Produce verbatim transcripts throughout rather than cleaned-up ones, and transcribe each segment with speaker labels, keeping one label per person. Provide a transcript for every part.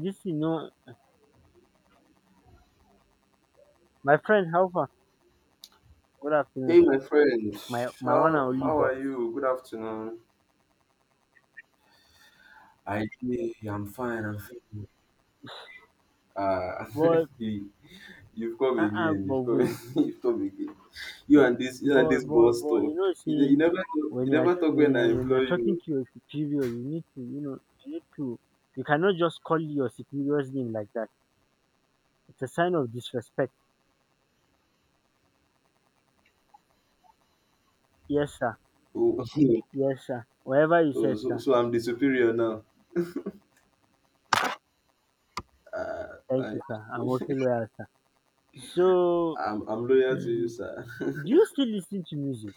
Speaker 1: This thing no, my friend how far? Good afternoon
Speaker 2: Hey,
Speaker 1: sir,
Speaker 2: my friend.
Speaker 1: my my one and
Speaker 2: How
Speaker 1: only
Speaker 2: how are
Speaker 1: boss.
Speaker 2: you? Good afternoon. I I'm fine. I'm fine. Uh,
Speaker 1: But
Speaker 2: you, you've come
Speaker 1: um
Speaker 2: again.
Speaker 1: but
Speaker 2: You've come.
Speaker 1: wait,
Speaker 2: you've come again. You and this you and
Speaker 1: but
Speaker 2: this
Speaker 1: but
Speaker 2: boss
Speaker 1: but you
Speaker 2: talk.
Speaker 1: know
Speaker 2: You, ne-
Speaker 1: see,
Speaker 2: you never talk-
Speaker 1: when
Speaker 2: you
Speaker 1: you are
Speaker 2: never talk
Speaker 1: when
Speaker 2: when
Speaker 1: you are
Speaker 2: I
Speaker 1: when you
Speaker 2: employ
Speaker 1: are talking
Speaker 2: you.
Speaker 1: to your superior, you need to you know you need to you cannot just call your superior's name like that. It's a sign of disrespect. Yes sir,
Speaker 2: Oh,
Speaker 1: yes sir, whatever you
Speaker 2: oh
Speaker 1: said
Speaker 2: so
Speaker 1: sir,
Speaker 2: so I'm the superior now. Uh,
Speaker 1: thank
Speaker 2: I
Speaker 1: you sir, I'm also loyal sir. So
Speaker 2: I'm I'm loyal to you,
Speaker 1: do
Speaker 2: sir.
Speaker 1: you still listen to music?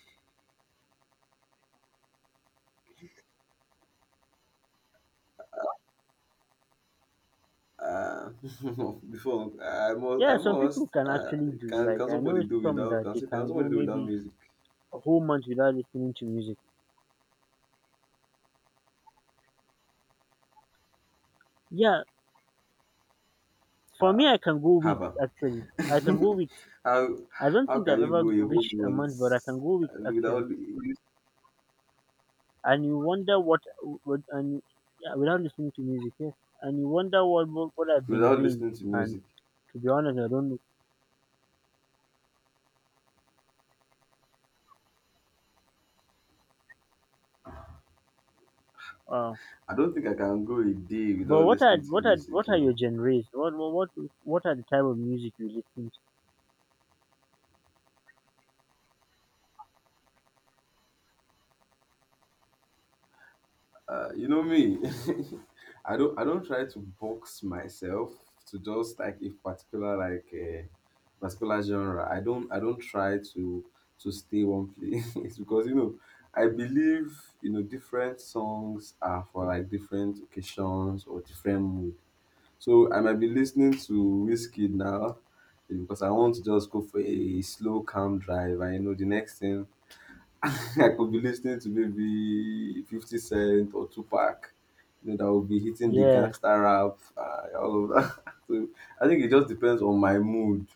Speaker 2: Uh, before I must
Speaker 1: Yeah,
Speaker 2: I
Speaker 1: some people
Speaker 2: must
Speaker 1: can
Speaker 2: uh,
Speaker 1: actually do,
Speaker 2: can
Speaker 1: like,
Speaker 2: can
Speaker 1: I know
Speaker 2: somebody do
Speaker 1: some
Speaker 2: without
Speaker 1: that
Speaker 2: can,
Speaker 1: they
Speaker 2: can
Speaker 1: can go
Speaker 2: somebody do without
Speaker 1: maybe
Speaker 2: music?
Speaker 1: a whole month without listening to music. Yeah, for me,
Speaker 2: Ah,
Speaker 1: I can go weeks
Speaker 2: Haba.
Speaker 1: actually. I can go weeks.
Speaker 2: how
Speaker 1: I don't
Speaker 2: how
Speaker 1: think
Speaker 2: can
Speaker 1: I've
Speaker 2: you
Speaker 1: ever
Speaker 2: go a whole
Speaker 1: reached a
Speaker 2: month
Speaker 1: month, but I can go weeks actually.
Speaker 2: without
Speaker 1: And you wonder what, what and yeah, without listening to music, yes. And you wonder what, what what I've been
Speaker 2: without
Speaker 1: doing.
Speaker 2: listening to
Speaker 1: And
Speaker 2: music?
Speaker 1: to be honest, I don't know. Uh,
Speaker 2: I don't think I can go a day
Speaker 1: but
Speaker 2: without
Speaker 1: what are
Speaker 2: listening to
Speaker 1: what are what
Speaker 2: music. You
Speaker 1: are your
Speaker 2: know,
Speaker 1: genres? What what what what are the type of music you listen to?
Speaker 2: uh, you know me. I don't I don't try to box myself to just like a particular like a particular genre. I don't I don't try to to stay one place because you know I believe you know different songs are for like different occasions or different moods. So I might be listening to whiskey now because I want to just go for a slow, calm drive. I know, the next thing I could be listening to maybe fifty Cent or Tupac. You know, that will be hitting the
Speaker 1: Yes.
Speaker 2: gangster rap, uh, all of that. So I think it just depends on my mood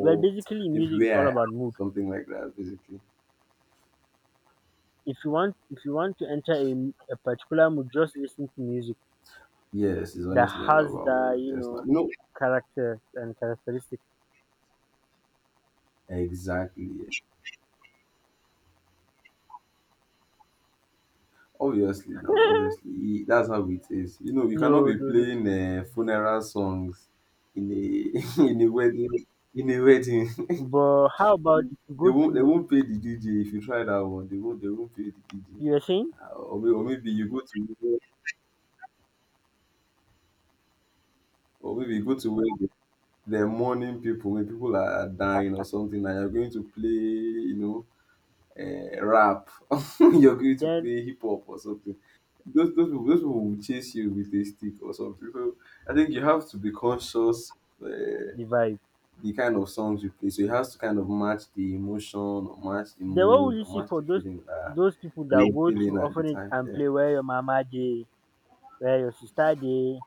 Speaker 1: Well, basically,
Speaker 2: if
Speaker 1: music is all
Speaker 2: where I am,
Speaker 1: about mood.
Speaker 2: something like that, basically.
Speaker 1: If you want if you want to enter a, a particular mood, just listen to music
Speaker 2: Yes, it's
Speaker 1: that
Speaker 2: honestly all
Speaker 1: has
Speaker 2: about
Speaker 1: the
Speaker 2: mood.
Speaker 1: you
Speaker 2: Yes,
Speaker 1: know
Speaker 2: not. You know,
Speaker 1: character and characteristic.
Speaker 2: exactly. Obviously now, obviously e- that's how it is. You know, you cannot
Speaker 1: No,
Speaker 2: be
Speaker 1: no, no.
Speaker 2: playing uh, funeral songs in a in a wedding in a wedding.
Speaker 1: But how about if you
Speaker 2: They
Speaker 1: go
Speaker 2: won't they
Speaker 1: to,
Speaker 2: won't pay the D J if you try that one. They won't they won't pay the D J.
Speaker 1: you were saying,
Speaker 2: Uh, Or maybe, or maybe you go to or maybe you go to where the mourning people when people are dying or something and you're going to play you know eh, rap, you're going to
Speaker 1: then
Speaker 2: play hip hop or something. those those people, those people will chase you with a stick or something. So I think you have to be conscious uh,
Speaker 1: the vibe.
Speaker 2: the kind of songs you play. So it has to kind of match the emotion or match the
Speaker 1: Then what will
Speaker 2: mood
Speaker 1: you see
Speaker 2: or match
Speaker 1: for
Speaker 2: the
Speaker 1: those
Speaker 2: feeling that,
Speaker 1: those people
Speaker 2: that
Speaker 1: that
Speaker 2: you're
Speaker 1: go
Speaker 2: feeling
Speaker 1: to
Speaker 2: at the
Speaker 1: orphanage
Speaker 2: time.
Speaker 1: and
Speaker 2: Yeah.
Speaker 1: play where your mama dey, where your sister dey,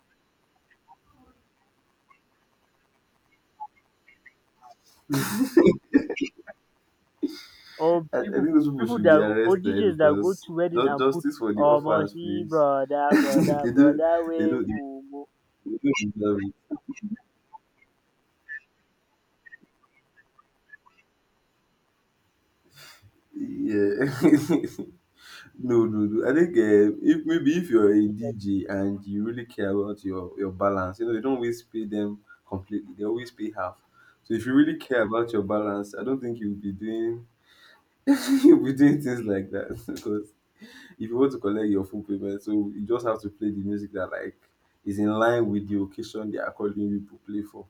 Speaker 1: or
Speaker 2: I, I
Speaker 1: people
Speaker 2: think those people
Speaker 1: people
Speaker 2: should
Speaker 1: that
Speaker 2: be
Speaker 1: or
Speaker 2: arrested
Speaker 1: D Js that go
Speaker 2: because
Speaker 1: to wedding
Speaker 2: ju-
Speaker 1: and put
Speaker 2: justice for the
Speaker 1: almost
Speaker 2: offense,
Speaker 1: see
Speaker 2: please.
Speaker 1: brother, brother,
Speaker 2: they don't
Speaker 1: brother
Speaker 2: they
Speaker 1: way
Speaker 2: don't they
Speaker 1: mumu.
Speaker 2: don't deserve it. Yeah. No, no, no. I think uh, if maybe if you're a D J and you really care about your your balance, you know, you don't always pay them completely. They always pay half. So if you really care about your balance, I don't think you'll be doing you'll be doing things like that because if you want to collect your full payment, so you just have to play the music that like is in line with the occasion they are calling you to play for.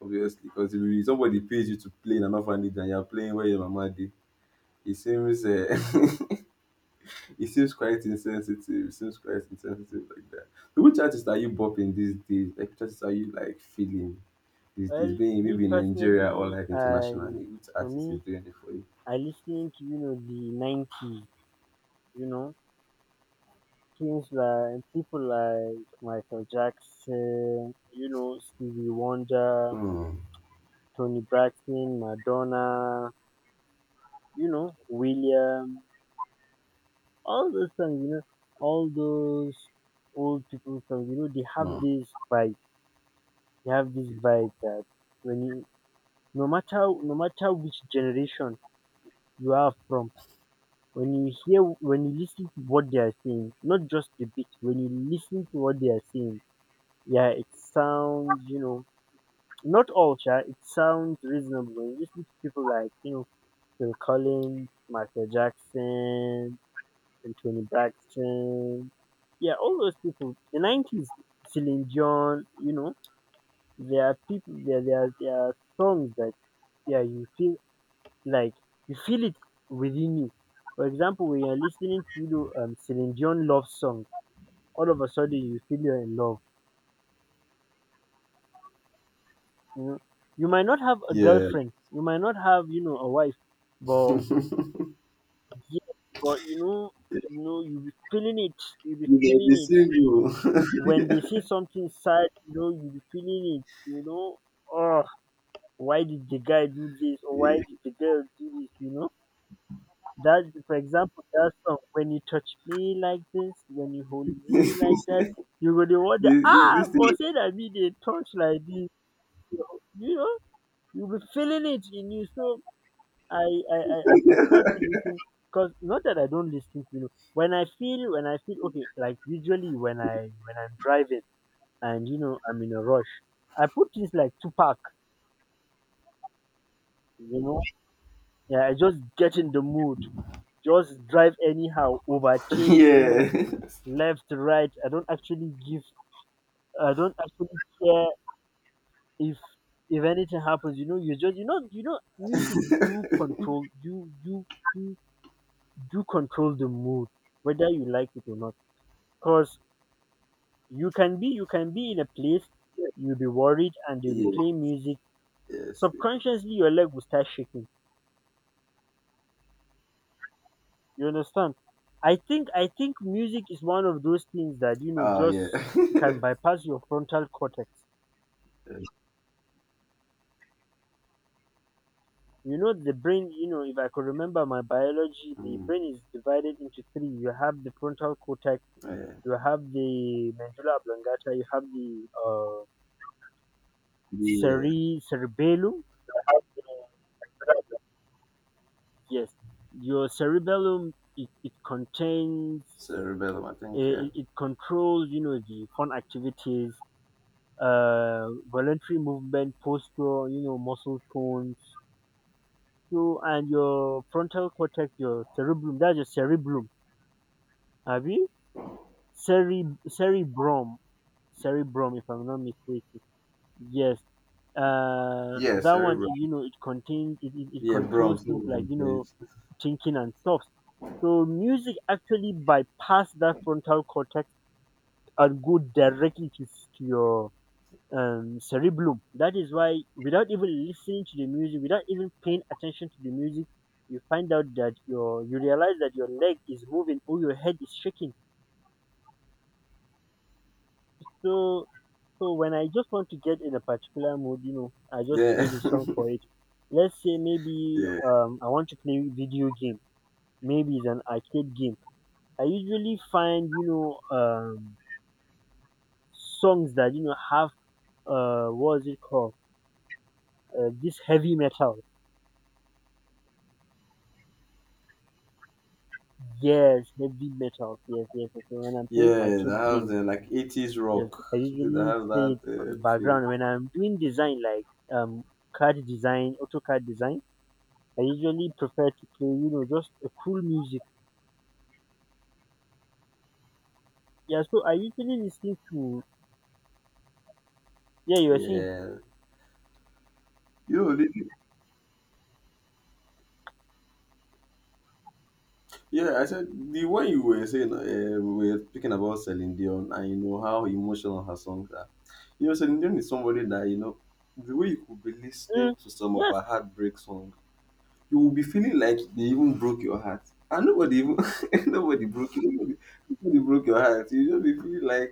Speaker 2: Obviously, because if somebody pays you to play in an orphanage and you're playing where your mama did, it seems uh, it seems quite insensitive. It seems quite insensitive like that. So which artist are you bopping these days? Like which artist are you like feeling these days?
Speaker 1: Well,
Speaker 2: Being
Speaker 1: me
Speaker 2: maybe in Nigeria or
Speaker 1: personally,
Speaker 2: like
Speaker 1: I
Speaker 2: internationally, which
Speaker 1: for
Speaker 2: artist is
Speaker 1: me
Speaker 2: doing it for you?
Speaker 1: I listening to you know the nineties, you know things like people like Michael Jackson, you know Stevie Wonder,
Speaker 2: Hmm.
Speaker 1: Tony Braxton, Madonna, you know William, all those songs, you know all those old people songs. You know they have
Speaker 2: Hmm.
Speaker 1: this vibe, they have this vibe that when you no matter no matter which generation you are from, when you hear when you listen to what they are saying, not just the beat, when you listen to what they are saying, yeah, it sounds, you know, not all, sha, it sounds reasonable. When you listen to people like, you know, Phil Collins, Michael Jackson, and Tony Braxton, yeah, all those people, the nineties, Celine Dion, you know, there are people, there, there, are- there are songs that, yeah, you feel like you feel it within you. For example, when you're listening to, you know, um, Celine Dion love song, all of a sudden you feel you're in love. You know, you might not have a
Speaker 2: Yeah.
Speaker 1: girlfriend, you might not have you know a wife, but yet- but you know, you know, you be feeling it, you be
Speaker 2: You get
Speaker 1: feeling
Speaker 2: the
Speaker 1: it.
Speaker 2: single.
Speaker 1: When they say something sad, you know, you be feeling it. You know, oh, why did the guy do this or why did the girl do this? You know. That, for example, that song: when you touch me like this, when you hold
Speaker 2: Yeah.
Speaker 1: me like that, you go dey wonder,
Speaker 2: this,
Speaker 1: ah,
Speaker 2: this
Speaker 1: for
Speaker 2: thing.
Speaker 1: say that me they touch like this, you know, you know, you be feeling it in you. So I, I, I I prefer to listen, because not that I don't listen, you know, when I feel, when I feel okay, like usually when I, when I'm driving and you know I'm in a rush, I put this like Tupac, you know, yeah, I just get in the mood, just drive anyhow, overtake, you know.
Speaker 2: Yeah.
Speaker 1: Left, right. I don't actually give. I don't actually care if if anything happens. You know, you just you know you know music do control do do do do control the mood whether you like it or not. Cause you can be you can be in a place, you'll be worried and you'll be
Speaker 2: Yeah.
Speaker 1: playing music.
Speaker 2: Yes.
Speaker 1: Subconsciously, your leg will start shaking. You understand? I think I think music is one of those things that you know
Speaker 2: Oh
Speaker 1: just can
Speaker 2: yeah.
Speaker 1: bypass your frontal cortex.
Speaker 2: Yes.
Speaker 1: You know, the brain, you know, if I could remember my biology, the
Speaker 2: Mm,
Speaker 1: brain is divided into three. You have the frontal cortex,
Speaker 2: yeah.
Speaker 1: you have the medulla oblongata, you have the uh,
Speaker 2: The uh,
Speaker 1: cere- cerebellum. Yes, your cerebellum, it, it contains,
Speaker 2: cerebellum, I think.
Speaker 1: eh,
Speaker 2: Uh,
Speaker 1: it, it controls, you know, the fun activities, uh, voluntary movement, posture, you know, muscle tones. So, and your frontal cortex, your cerebellum, that's your cerebellum. Have you? Cere- Cerebrum, Cerebrum, if I'm not mistaken. Yes, uh,
Speaker 2: yeah,
Speaker 1: that one,
Speaker 2: cerebrum.
Speaker 1: it, you know, it contains, it, it, it
Speaker 2: Yeah, brum.
Speaker 1: controls things like,
Speaker 2: Cerebrum.
Speaker 1: you know,
Speaker 2: Yes.
Speaker 1: thinking and stuff. So music actually bypass that frontal cortex and go directly to, s- to your um, cerebellum. That is why, without even listening to the music, without even paying attention to the music, you find out that your you realize that your leg is moving or your head is shaking. So So when I just want to get in a particular mood, you know, I just
Speaker 2: Yeah.
Speaker 1: play the song for it. Let's say maybe
Speaker 2: yeah.
Speaker 1: um, I want to play video game. Maybe it's an arcade game. I usually find you know um, songs that you know have, uh, what is it called? Uh, this heavy metal. Yes, heavy metal. Yes, yes, yes. So, When I'm playing
Speaker 2: Yeah. That
Speaker 1: arcade
Speaker 2: has
Speaker 1: games,
Speaker 2: the like eighties
Speaker 1: yes,
Speaker 2: rock.
Speaker 1: I
Speaker 2: Something that
Speaker 1: usually
Speaker 2: has
Speaker 1: play it on
Speaker 2: that uh, feel.
Speaker 1: background. When I'm doing design like, um, card design, AutoCAD design, I usually prefer to play, you know, just a cool music. Yeah, so I usually listen to. Yeah, you are saying,
Speaker 2: Yeah. You know, yeah, I said the way you were saying uh, we were speaking about Celine Dion and you know how emotional her songs are. You know, Celine Dion is somebody that you know the way you could be
Speaker 1: mm,
Speaker 2: listening to some of
Speaker 1: yes,
Speaker 2: her heartbreak songs, you will be feeling like they even broke your heart. And nobody even nobody broke you. Nobody, nobody broke your heart. You just be feeling like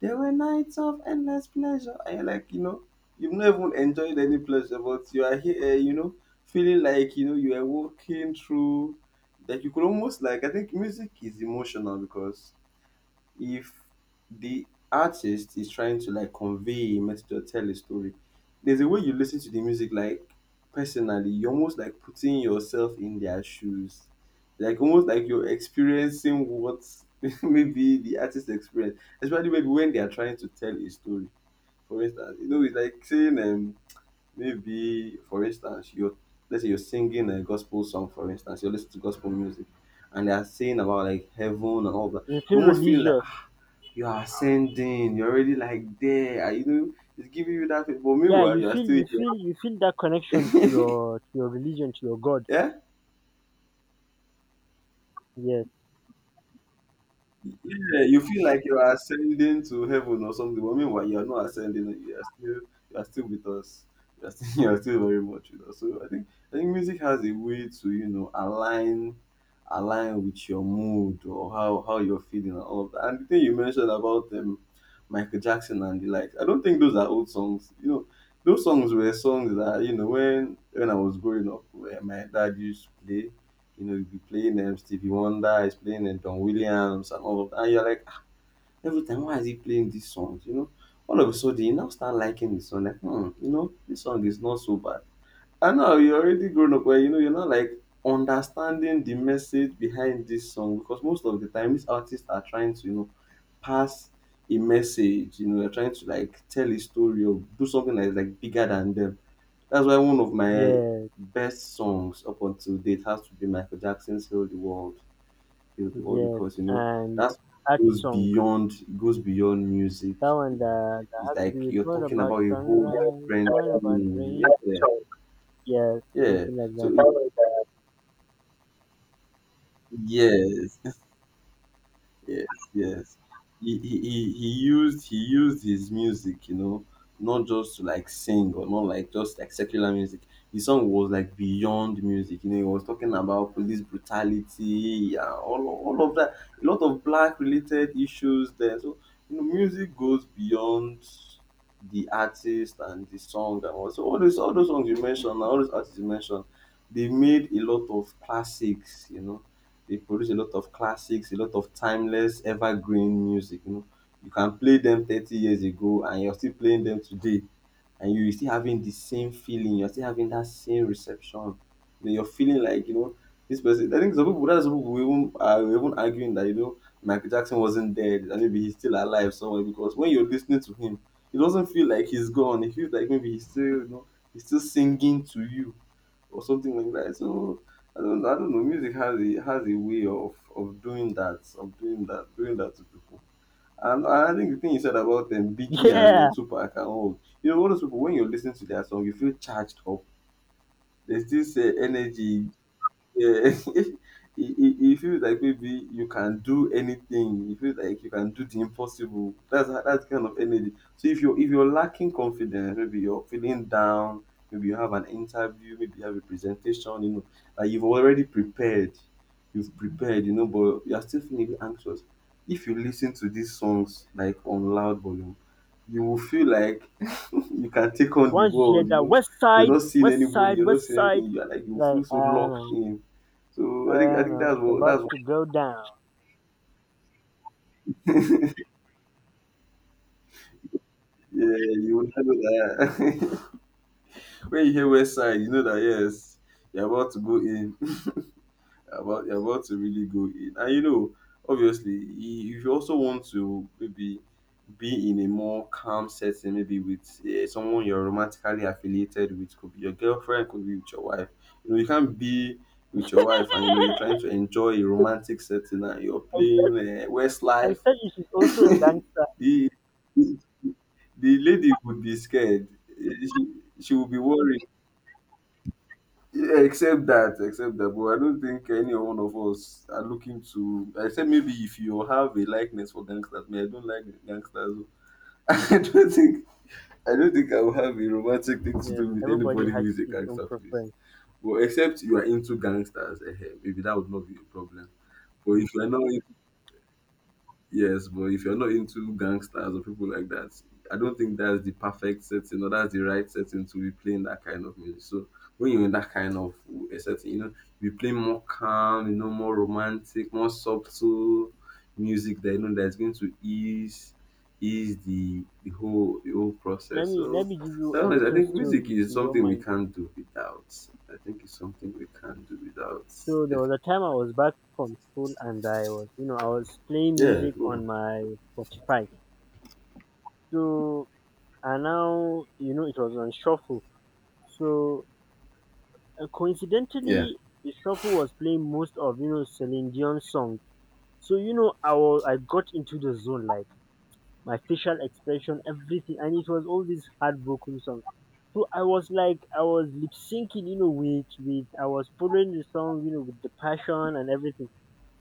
Speaker 2: there were nights of endless pleasure. And you're like, you know, you've not even enjoyed any pleasure, but you are here, eh, you know, feeling like you know you are walking through that you could almost like. I think music is emotional because if the artist is trying to like convey a message or tell a story, there's a way you listen to the music like personally, you're almost like putting yourself in their shoes. Like almost like you're experiencing what maybe the artist experience, especially maybe when they are trying to tell a story. For instance, you know, it's like saying um maybe for instance you're let's say you're singing a gospel song, for instance, you're listening to gospel music and they are saying about like heaven and all that.
Speaker 1: you
Speaker 2: You
Speaker 1: feel
Speaker 2: almost feel like
Speaker 1: religious.
Speaker 2: you are ascending, you're already like there, and you know, it's giving you that feel. But
Speaker 1: Yeah,
Speaker 2: meanwhile,
Speaker 1: you
Speaker 2: you are
Speaker 1: feel,
Speaker 2: still
Speaker 1: you feel, you feel that connection to
Speaker 2: here.
Speaker 1: your, to your religion, to your God.
Speaker 2: yeah.
Speaker 1: Yes,
Speaker 2: Yeah, you feel like you are ascending to heaven or something, but meanwhile you are not ascending. You are still you are still with us. You are still, you are still very much with us. So I think I think music has a way to you know align align with your mood or how how you're feeling and all of that. And the thing you mentioned about um, Michael Jackson and the likes, I don't think those are old songs. You know, those songs were songs that you know when when I was growing up, where my dad used to play you know, he'll be playing um, Stevie Wonder, he's playing um, Don Williams and all of that. And you're like, ah, every time, why is he playing these songs? You know, all of a sudden, you now start liking the song. Like, hmm, you know, this song is not so bad. I know you're already grown up well, you know, you're not like understanding the message behind this song because most of the time these artists are trying to, you know, pass a message, you know, they're trying to like tell a story or do something that is like bigger than them. That's why one of my
Speaker 1: yes,
Speaker 2: best songs up until date has to be Michael Jackson's Heal the World. Heal the World
Speaker 1: yes.
Speaker 2: because you know
Speaker 1: And
Speaker 2: that
Speaker 1: that
Speaker 2: goes
Speaker 1: song,
Speaker 2: beyond it goes beyond music.
Speaker 1: that one that, that
Speaker 2: It's
Speaker 1: has to
Speaker 2: like
Speaker 1: do with
Speaker 2: you're
Speaker 1: what
Speaker 2: talking
Speaker 1: about
Speaker 2: about a whole
Speaker 1: sunrise,
Speaker 2: different
Speaker 1: what about
Speaker 2: thing.
Speaker 1: rain?
Speaker 2: Yeah.
Speaker 1: Yes,
Speaker 2: Yeah.
Speaker 1: something like
Speaker 2: So
Speaker 1: that.
Speaker 2: alright. Yes, yes, yes. He, he he he used he used his music, you know, not just to like sing or not like just like secular music. His song was like beyond music. You know, he was talking about police brutality, yeah, all all of that. A lot of black related issues there. So you know, music goes beyond the artist and the song and all. So all those all those songs you mentioned, all those artists you mentioned, they made a lot of classics. You know, they produce a lot of classics, a lot of timeless, evergreen music. You know, you can play them thirty years ago and you're still playing them today, and you're still having the same feeling. You're still having that same reception. You know, you're feeling like you know this person. I think some people, that's some people were even are even arguing that you know Michael Jackson wasn't dead and maybe he's still alive somewhere because when you're listening to him, it doesn't feel like he's gone. It feels like maybe he's still you know he's still singing to you or something like that. So I don't, I don't know. Music has a has a way of of doing that, of doing that, doing that to people. And I think the thing you said about um, Biggie and
Speaker 1: Yeah,
Speaker 2: uh, Tupac and all, you know, all those people when you listen to their song, you feel charged up. There's this uh, energy, yeah. It it it feels like maybe you can do anything. It feels like you can do the impossible. That's how- that's kind of energy. So if you if you're lacking confidence, maybe you're feeling down, maybe you have an interview, maybe you have a presentation, you know, like you've already prepared. You've prepared, you know, but you're still feeling a bit anxious. If you listen to these songs like on loud volume, you will feel like you can take on the
Speaker 1: once you hear
Speaker 2: world, you
Speaker 1: that
Speaker 2: know.
Speaker 1: West
Speaker 2: You're
Speaker 1: Side,
Speaker 2: not seeing
Speaker 1: West
Speaker 2: anybody,
Speaker 1: Side,
Speaker 2: you're not
Speaker 1: West
Speaker 2: seeing
Speaker 1: Side,
Speaker 2: anything. You're like you
Speaker 1: like,
Speaker 2: feel
Speaker 1: I
Speaker 2: so
Speaker 1: don't
Speaker 2: locked
Speaker 1: know.
Speaker 2: in.
Speaker 1: I
Speaker 2: So I think I
Speaker 1: don't
Speaker 2: think
Speaker 1: know.
Speaker 2: that's
Speaker 1: It's
Speaker 2: what
Speaker 1: about
Speaker 2: that's what
Speaker 1: to go down.
Speaker 2: yeah, you will know that when you hear West Side, you know that yes, you're about to go in. About You're about to really go in. And you know, obviously, i- if you also want to maybe be in a more calm setting, maybe with uh, someone you're romantically affiliated with, could be your girlfriend, could be with your wife. You know, you can't be with your wife and you know you're trying to enjoy a romantic setting and you're
Speaker 1: I said,
Speaker 2: playing uh,
Speaker 1: I
Speaker 2: Westlife.
Speaker 1: said she's also a gangster.
Speaker 2: the the lady would be scared. Eh, She she would be worried. Yeah, except that, except that, but I don't think any one of us are looking to. I said maybe if you have a likeness for gangsters, me, I don't like gangsters. Oh. I don't think I don't think I will have a romantic thing to
Speaker 1: Yes,
Speaker 2: do with
Speaker 1: everybody
Speaker 2: anybody who
Speaker 1: has
Speaker 2: is a
Speaker 1: his own
Speaker 2: gangster, please.
Speaker 1: preference.
Speaker 2: Well, except you are into gangsters, eh, eh, maybe that would not be a problem. But if you are not. Yes, but if you're not into gangsters or people like that, I don't think that's the perfect setting or that's the right setting to be playing that kind of music. So when you're in that kind of a setting, you know, you play more calm, you know, more romantic, more subtle music that you know that's going to ease ease the the whole the whole
Speaker 1: Let
Speaker 2: process.
Speaker 1: me let
Speaker 2: So
Speaker 1: me give you
Speaker 2: that
Speaker 1: a
Speaker 2: one is, I
Speaker 1: little
Speaker 2: think music
Speaker 1: story if
Speaker 2: is
Speaker 1: you don't
Speaker 2: something we
Speaker 1: mind.
Speaker 2: can't do without. I think it's something we can't do without.
Speaker 1: So there
Speaker 2: Def-
Speaker 1: was a time I was back from school and I was you know I was playing
Speaker 2: Yeah,
Speaker 1: music
Speaker 2: go
Speaker 1: on
Speaker 2: on.
Speaker 1: my Spotify. So, and now you know it was on shuffle. So, uh,
Speaker 2: Yeah.
Speaker 1: coincidentally, the shuffle was playing most of you know Celine Dion's songs. So, you know I was, I got into the zone, like. My facial expression, everything. And it was all these heartbroken songs. So I was like, I was lip syncing, you know, with, with, I was following the song, you know, with the passion and everything.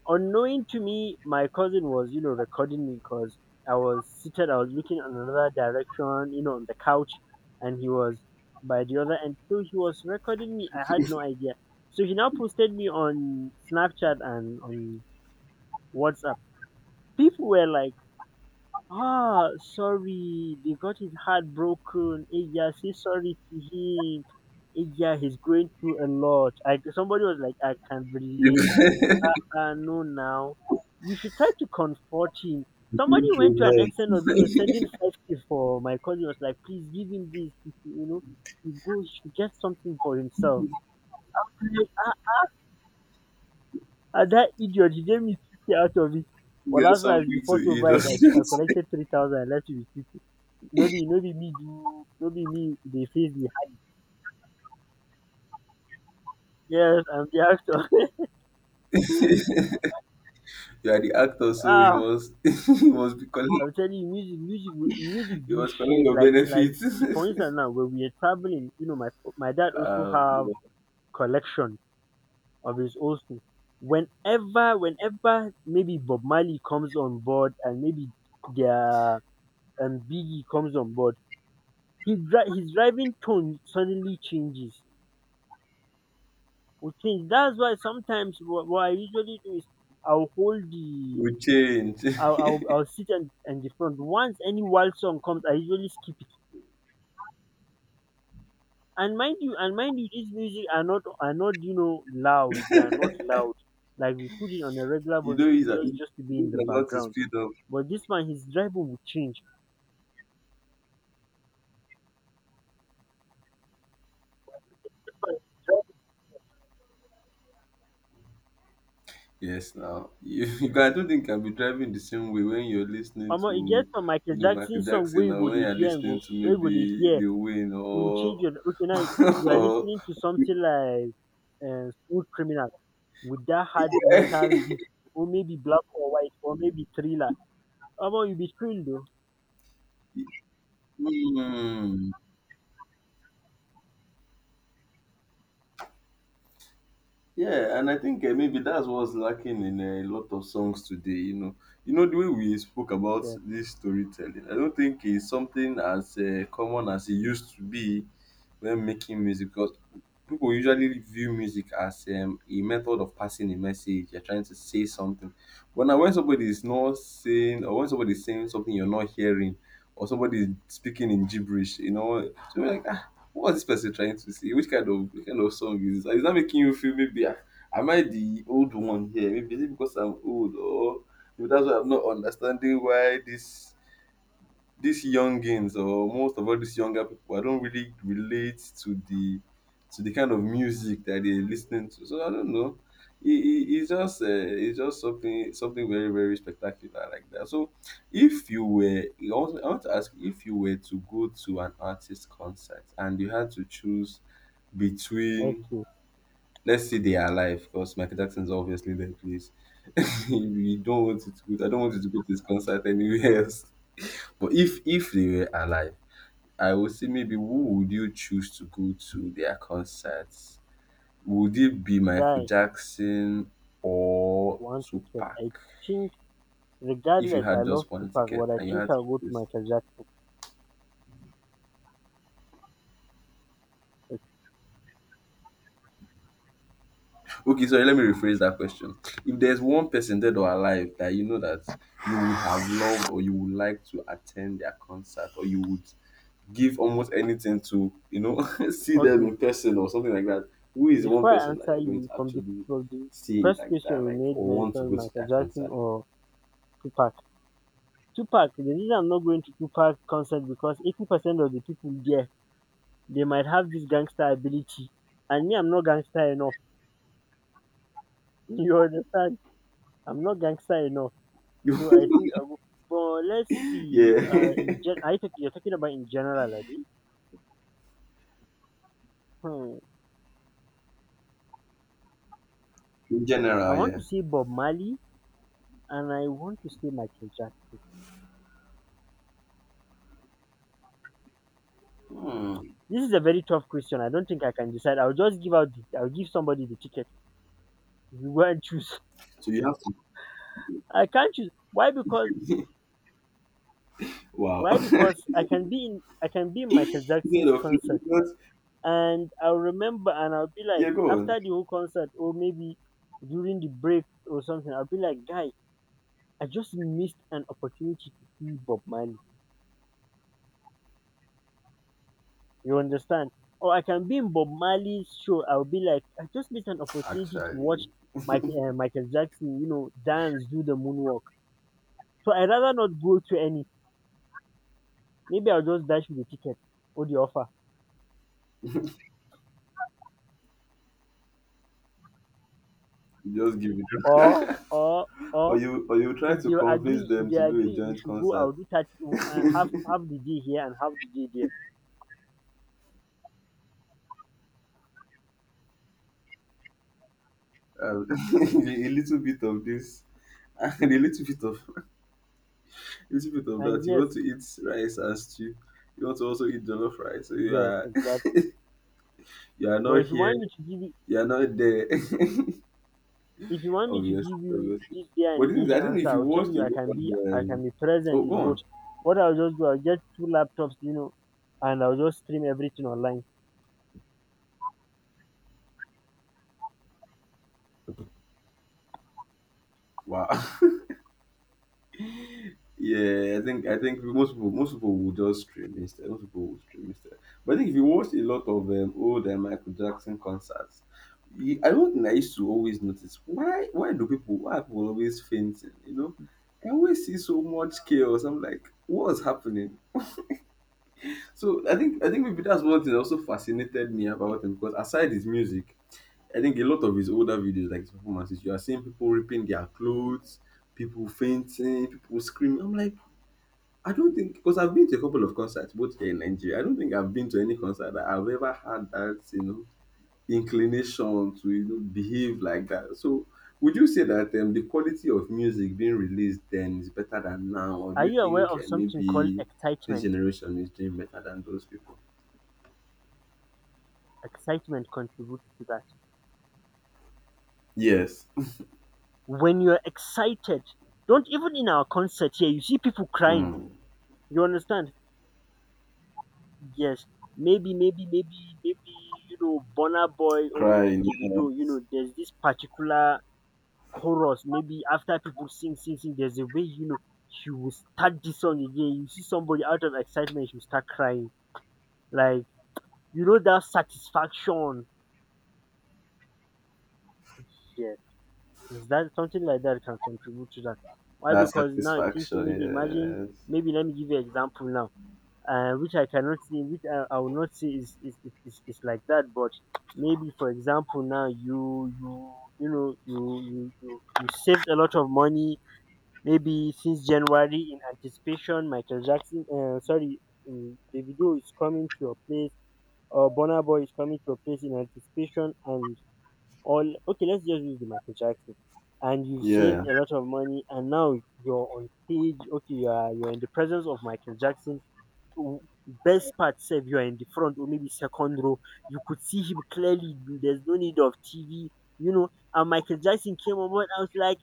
Speaker 1: Unknowing to me, my cousin was, you know, recording me, because I was seated, I was looking in another direction, you know, on the couch, and he was by the other end. So he was recording me. I had no idea. So he now posted me on Snapchat and on WhatsApp. People were like, ah, sorry, they got his heart broken. Aya, say sorry to him. Aya, he's going through a lot. I somebody was like, I can relate.
Speaker 2: You.
Speaker 1: Ah, no, now you should try to comfort him. Somebody went to an extent of you know sending five k for my cousin. Was like, please give him this. He should, You know, he goes, He should get something for himself. And that idiot, he gave me fifty out of it. But
Speaker 2: Get
Speaker 1: last night,
Speaker 2: something to
Speaker 1: before to
Speaker 2: eat.
Speaker 1: buy,
Speaker 2: Or
Speaker 1: it. I, ch- I
Speaker 2: something.
Speaker 1: collected three thousand. I left you with fifty. No be, no be me, do, no be me, they face the. Yes, I'm the actor.
Speaker 2: You are the actor, so you
Speaker 1: ah,
Speaker 2: must you must be calling,
Speaker 1: I'm telling you, music, music, will- music
Speaker 2: you
Speaker 1: do
Speaker 2: must calling
Speaker 1: shape.
Speaker 2: your
Speaker 1: Like, like
Speaker 2: benefits.
Speaker 1: for instance, now when we are traveling, you know, my my dad also
Speaker 2: um, you
Speaker 1: have
Speaker 2: know,
Speaker 1: collection of his old stuff. Whenever, whenever maybe Bob Marley comes on board and maybe their um Biggie comes on board, his dri- his driving tone suddenly changes will change. That's why sometimes what, what I usually do is, I'll hold the
Speaker 2: we change.
Speaker 1: I'll I'll, I'll sit, and and the front, once any wild song comes I usually skip it. And mind you, and mind you these music are not, are not you know loud, they are not loud, like, we put it on a regular
Speaker 2: you know
Speaker 1: volume,
Speaker 2: he's a,
Speaker 1: just just to be
Speaker 2: he's
Speaker 1: in the
Speaker 2: about to
Speaker 1: background.
Speaker 2: speed up.
Speaker 1: But this man, his driving will change.
Speaker 2: Yes, now you, you can, I don't think you can be driving the same way when you're listening
Speaker 1: Omo, e get
Speaker 2: to
Speaker 1: some Michael
Speaker 2: you know
Speaker 1: Jackson
Speaker 2: Michael
Speaker 1: song wey
Speaker 2: Jackson
Speaker 1: you
Speaker 2: or
Speaker 1: go
Speaker 2: when
Speaker 1: dey
Speaker 2: you're
Speaker 1: hear and go,
Speaker 2: listening to
Speaker 1: wey you go dey
Speaker 2: maybe
Speaker 1: hear.
Speaker 2: Lil Wayne
Speaker 1: You will change
Speaker 2: or
Speaker 1: your, okay now. You are
Speaker 2: or
Speaker 1: listening to something like, uh, Smooth Criminal, with that hard metal
Speaker 2: yeah.
Speaker 1: beat, or maybe Black or White, or maybe Thriller. Omo, you be thrilled though.
Speaker 2: Hmm. Yeah, and I think uh, maybe that's what's lacking in eh, a lot of songs today. You know, you know the way we spoke about
Speaker 1: Yes,
Speaker 2: this storytelling. I don't think it's something as uh, common as it used to be when making music. Because people usually view music as um, a method of passing a message. You're trying to say something, but now when somebody is not saying, or when somebody is saying something you're not hearing, or somebody is speaking in gibberish, you know, so you're like, "Ah, what was this person trying to say? Which kind of which kind of song is this? Is that making you feel maybe ah, am I the old one here? Maybe is it because I'm old or maybe that's why I'm not understanding why this these youngins or most of all these younger people, I don't really relate to the to the kind of music that they're listening to. So I don't know. It, it, it's just uh, it's just something something very very spectacular like that. So if you were, I want, I want to ask if you were to go to an artist concert and you had to choose between,
Speaker 1: okay,
Speaker 2: let's say they are alive because Michael Jackson is obviously dead, please. We don't want it to go. I don't want you to go to this concert anywhere else. But if if they were alive, I would say maybe who would you choose to go to their concerts? Would it be Michael
Speaker 1: guy,
Speaker 2: Jackson or
Speaker 1: one ticket.
Speaker 2: Tupac?
Speaker 1: I think
Speaker 2: If you
Speaker 1: regardless, I
Speaker 2: had
Speaker 1: love
Speaker 2: just one
Speaker 1: Tupac,
Speaker 2: ticket
Speaker 1: but I
Speaker 2: and you
Speaker 1: think
Speaker 2: had to
Speaker 1: I'll go to
Speaker 2: choose.
Speaker 1: Michael Jackson.
Speaker 2: Okay, sorry, let me rephrase that question. If there's one person dead or alive that you know that you would have loved or you would like to attend their concert or you would give almost anything to you know see them
Speaker 1: Okay,
Speaker 2: in person or something like that, who is one
Speaker 1: before I
Speaker 2: person that
Speaker 1: answer
Speaker 2: you're going
Speaker 1: you,
Speaker 2: to
Speaker 1: from the
Speaker 2: actually
Speaker 1: from the
Speaker 2: see
Speaker 1: first
Speaker 2: like
Speaker 1: question
Speaker 2: that
Speaker 1: you
Speaker 2: like
Speaker 1: made
Speaker 2: or want to
Speaker 1: mention
Speaker 2: go to
Speaker 1: Michael
Speaker 2: that
Speaker 1: Jackson
Speaker 2: concert.
Speaker 1: or Tupac. Tupac, the reason I'm not going to Tupac concert because eighty percent of the people there they might have this gangster ability, and me, I'm not gangster enough. You understand, I'm not gangster enough. So I think I will, but let's see,
Speaker 2: Yeah.
Speaker 1: uh in gen- I think you're talking about in general, I think. Hmm.
Speaker 2: In
Speaker 1: I
Speaker 2: general,
Speaker 1: want to
Speaker 2: yeah.
Speaker 1: say Bob Marley, and I want to say Michael Jackson.
Speaker 2: Hmm.
Speaker 1: This is a very tough question. I don't think I can decide. I'll just give out the, I'll give somebody the ticket. You go and choose.
Speaker 2: So you have to.
Speaker 1: I can't choose. Why? Because
Speaker 2: Wow.
Speaker 1: why? Because I can be in, I can be in Michael Jackson's
Speaker 2: Instead of
Speaker 1: concert,
Speaker 2: because.
Speaker 1: and I'll remember, and I'll be like,
Speaker 2: Yeah, go
Speaker 1: after
Speaker 2: on.
Speaker 1: the whole concert, or maybe during the break or something, I'll be like, guy, I just missed an opportunity to see Bob Marley. You understand? Or I can be in Bob Marley's show. I'll be like, I just missed an opportunity to watch
Speaker 2: Actually,
Speaker 1: Mike, uh, Michael Jackson, you know, dance, do the moonwalk. So I'd rather not go to any. Maybe I'll just dash with the ticket or the offer.
Speaker 2: you just give
Speaker 1: Or,
Speaker 2: it.
Speaker 1: or,
Speaker 2: Or
Speaker 1: or
Speaker 2: you, or you try
Speaker 1: if they
Speaker 2: to convince
Speaker 1: agree, if
Speaker 2: them
Speaker 1: they
Speaker 2: to do a
Speaker 1: agree we
Speaker 2: joint
Speaker 1: should go, I'll
Speaker 2: concert.
Speaker 1: do that, uh, have
Speaker 2: Um,
Speaker 1: half the day here and have the day there.
Speaker 2: a little bit of this and a little bit of, little bit of
Speaker 1: And
Speaker 2: that. You
Speaker 1: yes,
Speaker 2: want to eat rice and stew. You want to also eat jollof rice. So you
Speaker 1: yes,
Speaker 2: are
Speaker 1: exactly.
Speaker 2: you are
Speaker 1: But
Speaker 2: not
Speaker 1: if you
Speaker 2: here.
Speaker 1: want me to give you,
Speaker 2: You are not there.
Speaker 1: if you want me to
Speaker 2: Obviously,
Speaker 1: give you
Speaker 2: obviously.
Speaker 1: this day and
Speaker 2: But the is,
Speaker 1: age
Speaker 2: I don't know
Speaker 1: answer,
Speaker 2: if you
Speaker 1: I'll tell
Speaker 2: watched
Speaker 1: you
Speaker 2: it
Speaker 1: I can
Speaker 2: on.
Speaker 1: be, I can
Speaker 2: Um,
Speaker 1: be present
Speaker 2: oh, go
Speaker 1: in both.
Speaker 2: on.
Speaker 1: What I'll just do, I'll get two laptops, you know, and I'll just stream everything online.
Speaker 2: Wow. Yeah, I think I think most people most people will just stream instead. Most people will stream instead. But I think if you watch a lot of um, old uh, Michael Jackson concerts, you, I don't think I used to always notice why why do people why are people always fainting? You know, I always see so much chaos. I'm like, what's happening? So I think I think maybe that's one thing that also fascinated me about him because aside his music, I think a lot of his older videos like his performances, you are seeing people ripping their clothes, people fainting, people screaming. I'm like, I don't think, because I've been to a couple of concerts both here in Nigeria. I don't think I've been to any concert that I've ever had that you know inclination to you know behave like that. So would you say that um, the quality of music being released then is better than now, or do
Speaker 1: Are
Speaker 2: you
Speaker 1: you aware
Speaker 2: think
Speaker 1: of
Speaker 2: uh,
Speaker 1: something called
Speaker 2: maybe this
Speaker 1: excitement?
Speaker 2: generation is doing better than those people?
Speaker 1: Excitement contributes to that.
Speaker 2: Yes.
Speaker 1: When you're excited, don't, even in our concert here, you see people crying.
Speaker 2: Mm.
Speaker 1: You understand? Yes, maybe, maybe, maybe, maybe, you know, Burna Boy or maybe
Speaker 2: Crying.
Speaker 1: Davido, you
Speaker 2: Yes.
Speaker 1: know, there's this particular chorus. Maybe after people sing, sing, sing, there's a way, you know, she will start this song again. You see somebody out of excitement, she will start crying. Like, you know, that satisfaction. Yeah, is that something like that can contribute to that? Why?
Speaker 2: That
Speaker 1: Because now I'm thinking, maybe imagine,
Speaker 2: satisfaction.
Speaker 1: maybe let me give you an example now. Uh, which I cannot see, which I, I will not see, is, is, is, is, is like that. But maybe, for example, now you you, you know, you you, you, you saved a lot of money maybe since January in anticipation. Michael Jackson, uh, sorry, um, Davido is coming to your place, or Bonner Boy is coming to your place in anticipation, and all. Okay, let's just use the Michael Jackson. And you
Speaker 2: Yes.
Speaker 1: saved
Speaker 2: Yeah.
Speaker 1: a lot of money, and now you're on stage. Okay, you are you're in the presence of Michael Jackson, best part sef, you are in the front or maybe second row, you could see him clearly. There's no need of T V, you know. And Michael Jackson came on board. I was like,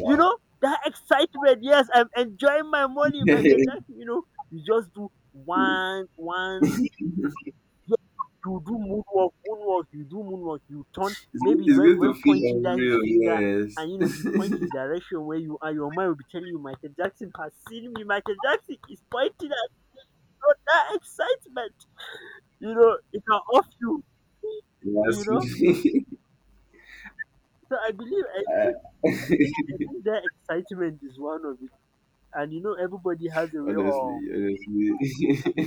Speaker 1: you know, that excitement. Yes, I'm enjoying my money, Michael
Speaker 2: it's,
Speaker 1: Jackson. You know, you just do one, one. Yes, you do moonwalk, moonwalk. You do moonwalk. You turn.
Speaker 2: Good-
Speaker 1: Maybe
Speaker 2: it's
Speaker 1: when
Speaker 2: good
Speaker 1: when
Speaker 2: to feel
Speaker 1: pointing down his
Speaker 2: unreal.
Speaker 1: finger.
Speaker 2: Yes.
Speaker 1: And you know he points his direction where you are. Your mind will be telling you, Michael Jackson has seen me. Michael Jackson is pointing at me. So that excitement, you know, it can off you. You know, so I believe, I believe, I
Speaker 2: Yes.
Speaker 1: think, I think that excitement is one of it. And you know, everybody has a way of
Speaker 2: Honestly,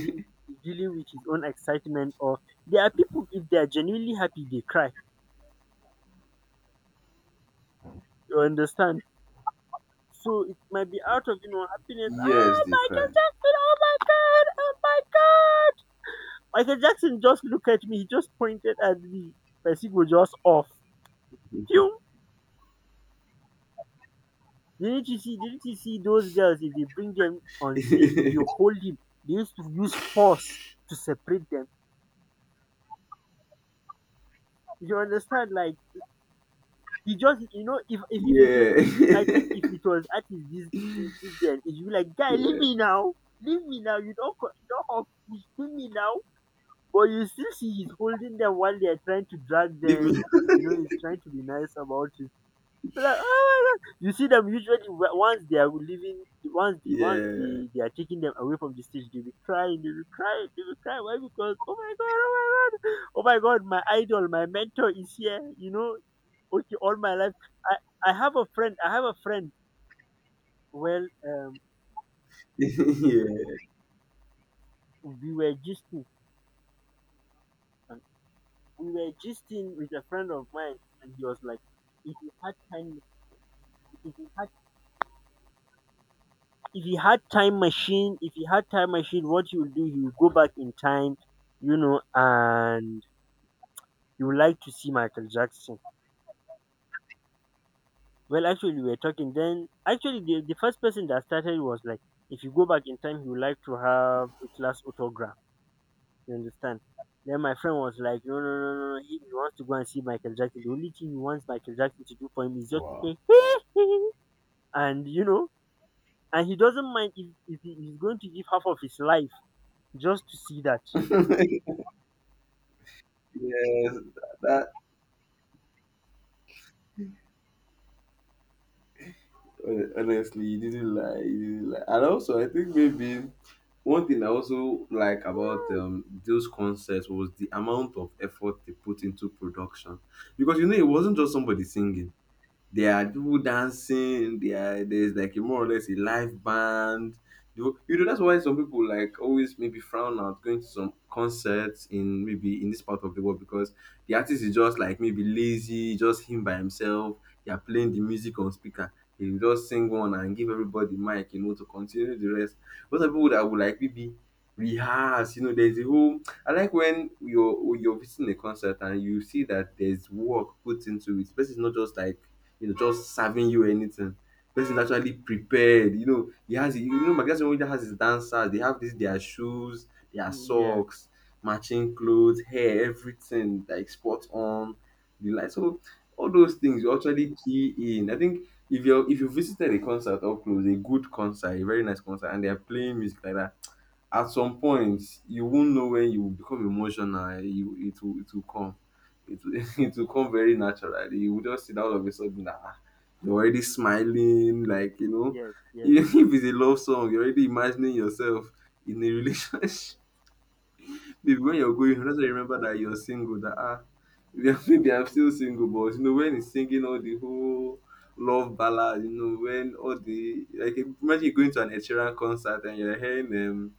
Speaker 1: de- dealing with his own excitement. Or there are people, if they are genuinely happy, they cry. You understand? So it might be out of, you know, happiness. Oh,
Speaker 2: Yes, they
Speaker 1: Michael
Speaker 2: cry.
Speaker 1: Jackson! Oh my God! Oh my God! Michael Jackson just look at me. He just pointed at me. My go just off.
Speaker 2: Yeah.
Speaker 1: Phew. Didn't you see? Didn't you see those girls? If they bring them on stage, if they hold him, they used to use force to separate them. You understand? Like he just, you know, if if if it was, if I think if it was artist this this this day, it would be like, guy, leave
Speaker 2: Yeah.
Speaker 1: me now, leave me now. You don't co- you don't hug me, leave me now. But you still see he's holding them while they are trying to drag
Speaker 2: Leave me.
Speaker 1: them. You know, he's trying to be nice about it. We're like, "Oh my god!" You see them usually w- once they are leaving, once the once
Speaker 2: Yeah.
Speaker 1: they, they are taking them away from the stage, they'll be crying, they'll be crying, they'll be crying. Why? Because oh my god, oh my god, oh my god, my idol, my mentor is here. You know, okay, all my life. I I have a friend. I have a friend. Well, um,
Speaker 2: Yeah.
Speaker 1: we were gisting, and we were gisting with a friend of mine, and he was like, "If you had time, if you had if he had time machine, if he had time machine, what he will do, he will go back in time, you know, and he would like to see Michael Jackson." Well, actually we were talking, then actually the, the first person that started was like, if you go back in time, he would like to have a class autograph, you understand. Then my friend was like, no no no no no he he wants to go and see Michael Jackson. The only thing he wants Michael Jackson to do for him is just
Speaker 2: Wow.
Speaker 1: say and you know, and he doesn't mind if, if he- he's going to give half of his life just to see that.
Speaker 2: Yes. That, honestly, you didn't lie. You didn't lie. And also, I think maybe one thing I also like about um, those concerts was the amount of effort they put into production, because you know it wasn't just somebody singing. There are people dancing. There, there's like a more or less a live band. You you know that's why some people like always maybe frown at going to some concerts in maybe in this part of the world because the artist is just like maybe lazy, just him by himself. They are playing the music on speaker. He will just sing one and give everybody mic, you know, to continue the rest. Those are people that would like maybe rehearse. You know, there's a whole, I like when you're you're visiting a concert and you see that there's work put into it. This is not just like you know just serving you anything. Person is actually prepared, you know he has you know my guy that has his dancers, they have this their shoes, their
Speaker 1: Mm, yeah.
Speaker 2: socks, matching clothes, hair, everything like spot on the like. So all those things you actually key in, I think if you if you visited a concert up close, a good concert, a very nice concert, and they're playing music like that, at some point you won't know when you will become emotional, eh? You it will it will come, it will it will come very naturally. You will just see that all of a sudden that ah, you're already smiling like you know
Speaker 1: Yes, yes,
Speaker 2: even
Speaker 1: yes.
Speaker 2: if it's a love song, you're already imagining yourself in a relationship. Maybe when you're going, that's why you remember that you're single. That ah, maybe I'm still single, but you know when he's singing all the whole love ballad, you know when all the like imagine you going to an Ed Sheeran concert and you're hearing um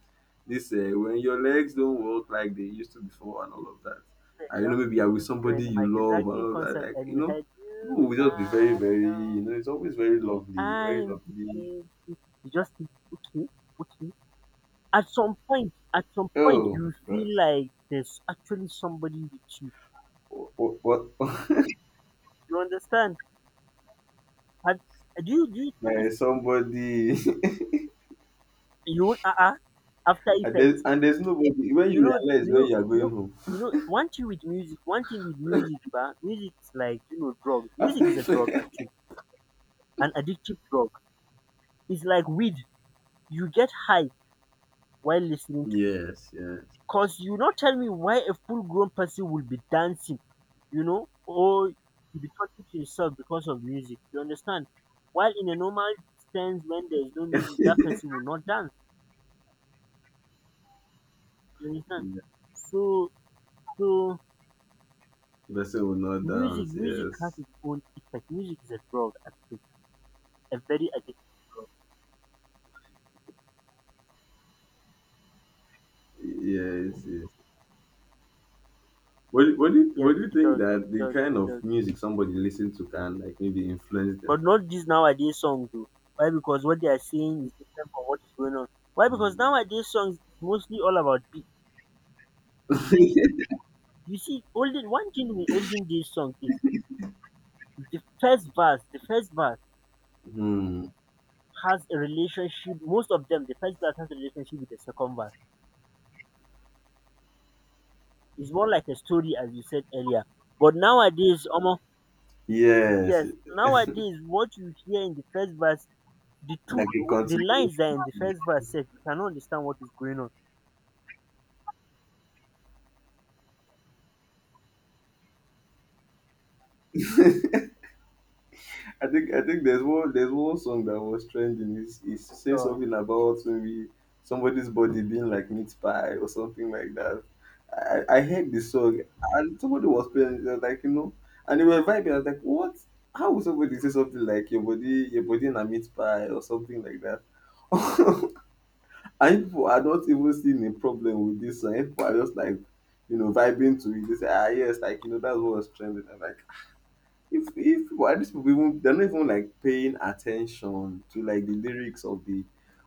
Speaker 2: this uh, when your legs don't work like they used to before and
Speaker 1: If,
Speaker 2: all of that.
Speaker 1: For
Speaker 2: And you know
Speaker 1: example,
Speaker 2: maybe you're with
Speaker 1: maybe you're
Speaker 2: somebody
Speaker 1: in a
Speaker 2: you
Speaker 1: Michael
Speaker 2: love and
Speaker 1: Jackson
Speaker 2: all of that.
Speaker 1: concert
Speaker 2: Like
Speaker 1: and
Speaker 2: you
Speaker 1: you
Speaker 2: know,
Speaker 1: heard you
Speaker 2: people
Speaker 1: were
Speaker 2: will just be very
Speaker 1: not
Speaker 2: very
Speaker 1: alone.
Speaker 2: you know it's always very lovely, very
Speaker 1: I'm with
Speaker 2: lovely.
Speaker 1: you. You just think, okay, okay. At some point, at some point,
Speaker 2: Oh,
Speaker 1: you
Speaker 2: but
Speaker 1: feel like there's actually somebody with you.
Speaker 2: what what,
Speaker 1: You understand? Have, do you do you notice,
Speaker 2: what? Somebody.
Speaker 1: you won't uh uh after
Speaker 2: And there's,
Speaker 1: effects?
Speaker 2: and there's nobody when
Speaker 1: You
Speaker 2: you
Speaker 1: know,
Speaker 2: realize
Speaker 1: you
Speaker 2: when
Speaker 1: know,
Speaker 2: you are
Speaker 1: you
Speaker 2: going
Speaker 1: know,
Speaker 2: home
Speaker 1: you know. One thing with music, one thing with music, but music's like, you know, drug. Music is a
Speaker 2: after
Speaker 1: drug actually, an addictive drug. It's like weed, you get high while listening to it,
Speaker 2: yes, yes,
Speaker 1: because you not tell me why a full grown person will be dancing, you know, or you be talking to yourself because of music. You understand? While in a normal sense, when there's no music, that person will not dance. You understand?
Speaker 2: yeah.
Speaker 1: So, so
Speaker 2: The person will not
Speaker 1: music,
Speaker 2: dance,
Speaker 1: music has
Speaker 2: yes,
Speaker 1: its own effect. Music is a drug, I a very addictive drug.
Speaker 2: yes, yes. What, do- what do you,
Speaker 1: Yes,
Speaker 2: what do you
Speaker 1: it
Speaker 2: think
Speaker 1: does,
Speaker 2: that
Speaker 1: it
Speaker 2: the
Speaker 1: does,
Speaker 2: kind
Speaker 1: it does.
Speaker 2: of music somebody listen to can like maybe influence them?
Speaker 1: But not this nowadays songs though. Why? Because what they are saying is different from what is going on. Why? Because nowadays songs is mostly all about beat. You see, olden, one thing with olden days song is the first verse. The first verse
Speaker 2: Hmm.
Speaker 1: has a relationship. Most of them, the first verse has a relationship with the second verse. It's more like a story, as you said earlier. But nowadays, almost,
Speaker 2: Yes,
Speaker 1: yes, nowadays what you hear in the first verse, the two,
Speaker 2: like a
Speaker 1: the lines
Speaker 2: continuation.
Speaker 1: that are in the first verse, said you cannot understand what is going on.
Speaker 2: I think I think there's one there's one song that was trending. Is is saying
Speaker 1: So
Speaker 2: something about maybe somebody's body being like meat pie or something like that. I I heard the song and somebody was playing. They was like you know, and they were vibing. I was like, what? How would somebody say something like your body your body in a meat pie or something like that? And people are not even seeing a problem with this song. People are just like you know vibing to it. They say ah yes, like you know that's what was trending. And like if if why these people even, they're not even like paying attention to like the lyrics of the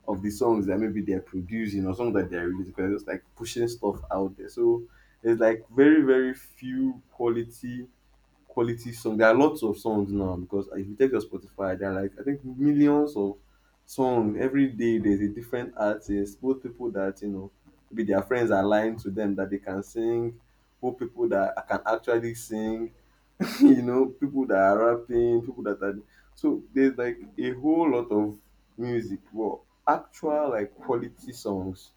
Speaker 2: of the songs that maybe they're producing or songs that they're releasing because they're just like pushing stuff out there. So there's like very very few quality quality songs. There are lots of songs now because if you take your Spotify, there are like I think millions of songs every day. There's a different artist, both people that you know maybe their friends are lying to them that they can sing, both people that can actually sing you know, people that are rapping, people that are, so there's like a whole lot of music, well, actual like quality songs,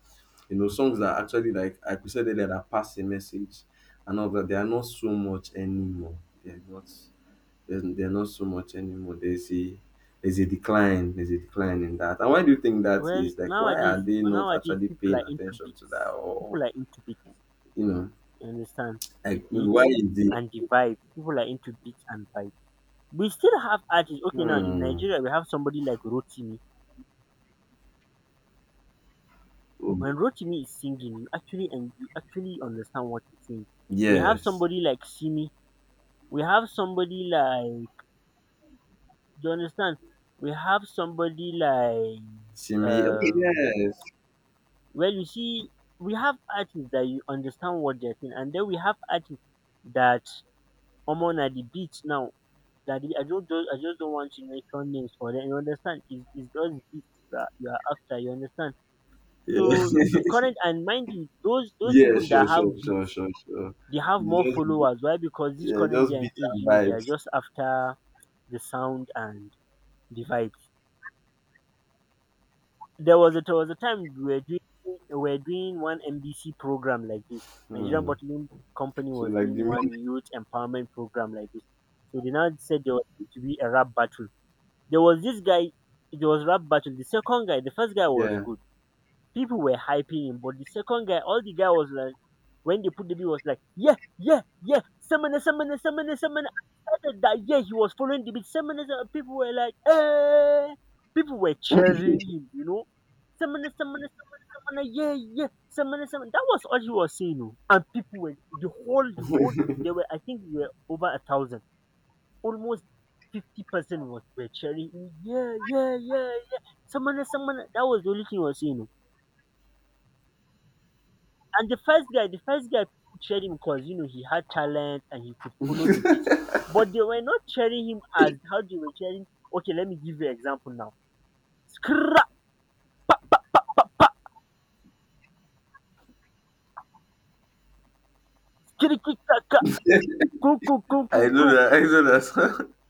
Speaker 2: you know, songs that actually like like we said earlier that pass a message and all that. They are not so much anymore. They're not. They're, they're not so much anymore. There's a, there's a decline. There's a decline in that. And why do you think that
Speaker 1: well,
Speaker 2: is? Like, why are
Speaker 1: nowadays,
Speaker 2: they not
Speaker 1: nowadays
Speaker 2: actually
Speaker 1: people
Speaker 2: paying
Speaker 1: are into
Speaker 2: attention to that?
Speaker 1: beats.
Speaker 2: Or
Speaker 1: People are into beats.
Speaker 2: you know,
Speaker 1: You understand the
Speaker 2: like why
Speaker 1: beat
Speaker 2: is the
Speaker 1: and the vibe. People are into beats and vibe. We still have artists. Okay, now in
Speaker 2: hmm,
Speaker 1: Nigeria we have somebody like Rotimi. When
Speaker 2: oh,
Speaker 1: Rotimi is singing, you actually, and you actually understand what he's saying. We have
Speaker 2: yes.
Speaker 1: somebody like Simi. We have somebody like. Do you understand? We have somebody like
Speaker 2: Simi. Okay,
Speaker 1: um
Speaker 2: yes.
Speaker 1: well, you see, we have artists that you understand what they're saying, and then we have artists that omo na the beat now. That the, I don't, don't I just don't want to mention names for them. You understand? It's, it's just beats that you are after. You understand?
Speaker 2: Yeah,
Speaker 1: So the current, and mind you, those those
Speaker 2: yeah,
Speaker 1: people that
Speaker 2: sure, sure,
Speaker 1: have
Speaker 2: sure,
Speaker 1: beats,
Speaker 2: sure, sure.
Speaker 1: they have
Speaker 2: You
Speaker 1: more
Speaker 2: just
Speaker 1: followers. Why? Because this
Speaker 2: yeah,
Speaker 1: current day
Speaker 2: just
Speaker 1: and
Speaker 2: beat
Speaker 1: age,
Speaker 2: and
Speaker 1: you know, they are
Speaker 2: vibes.
Speaker 1: just after the sound and the vibe. There was a there was a time we were doing we were doing one N B C program like this. Nigerian
Speaker 2: Hmm.
Speaker 1: Bottling Company
Speaker 2: So
Speaker 1: was
Speaker 2: like the
Speaker 1: doing one
Speaker 2: music,
Speaker 1: youth empowerment program like this. So they now said there was going to be a rap battle. There was this guy, it was rap battle. The second guy, the first guy was
Speaker 2: yeah.
Speaker 1: good. People were hyping him, but the second guy, all the guy was like, when they put the beat, was like, yeah, yeah, yeah, Semina, Semina, Semina, Semina. I started that, yeah, he was following the beat. Semina, Semina. People were like, eh. People were cheering him, you know. Semina, Semina, Semina, Semina, yeah, yeah, Semina, Semina. That was all he was saying, you know. And people were, the whole, the whole, they were, I think we were over a thousand. Almost fifty percent was were cheering him, yeah, yeah, yeah, yeah. Semina, Semina. That was the only thing he was saying, oh. And the first guy the first guy people cheered him because, you know, he had talent and he could follow the beat. But they were not cheering him as how they were cheering. Okay, let me give you an example now. Skra kirikikaka ku ku ku ku
Speaker 2: I know
Speaker 1: ku.
Speaker 2: that, I know that song.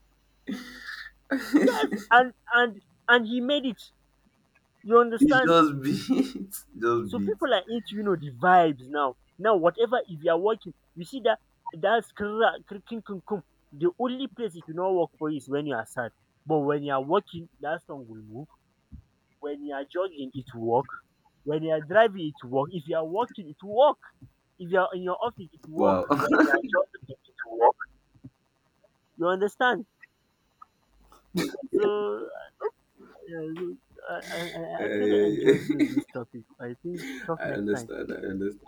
Speaker 1: Yes, and and and he made it. You
Speaker 2: It's
Speaker 1: understand?
Speaker 2: just beat. Just
Speaker 1: So
Speaker 2: beat.
Speaker 1: people are into, you know, the vibes now. Now whatever, if you are working, you see that that skra krikin kun kun. The only place it will not work for you is when you are sad. But when you are working, that song will move. When you are jogging, it will work. When you are driving, it will work. If you are walking, it will work. If you are in your office, it will work.
Speaker 2: Wow.
Speaker 1: You understand? So, uh, I, I I
Speaker 2: Yeah,
Speaker 1: actually
Speaker 2: yeah,
Speaker 1: enjoyed, you know,
Speaker 2: yeah.
Speaker 1: this topic. I think we'll talk
Speaker 2: I
Speaker 1: next time.
Speaker 2: understand, I understand.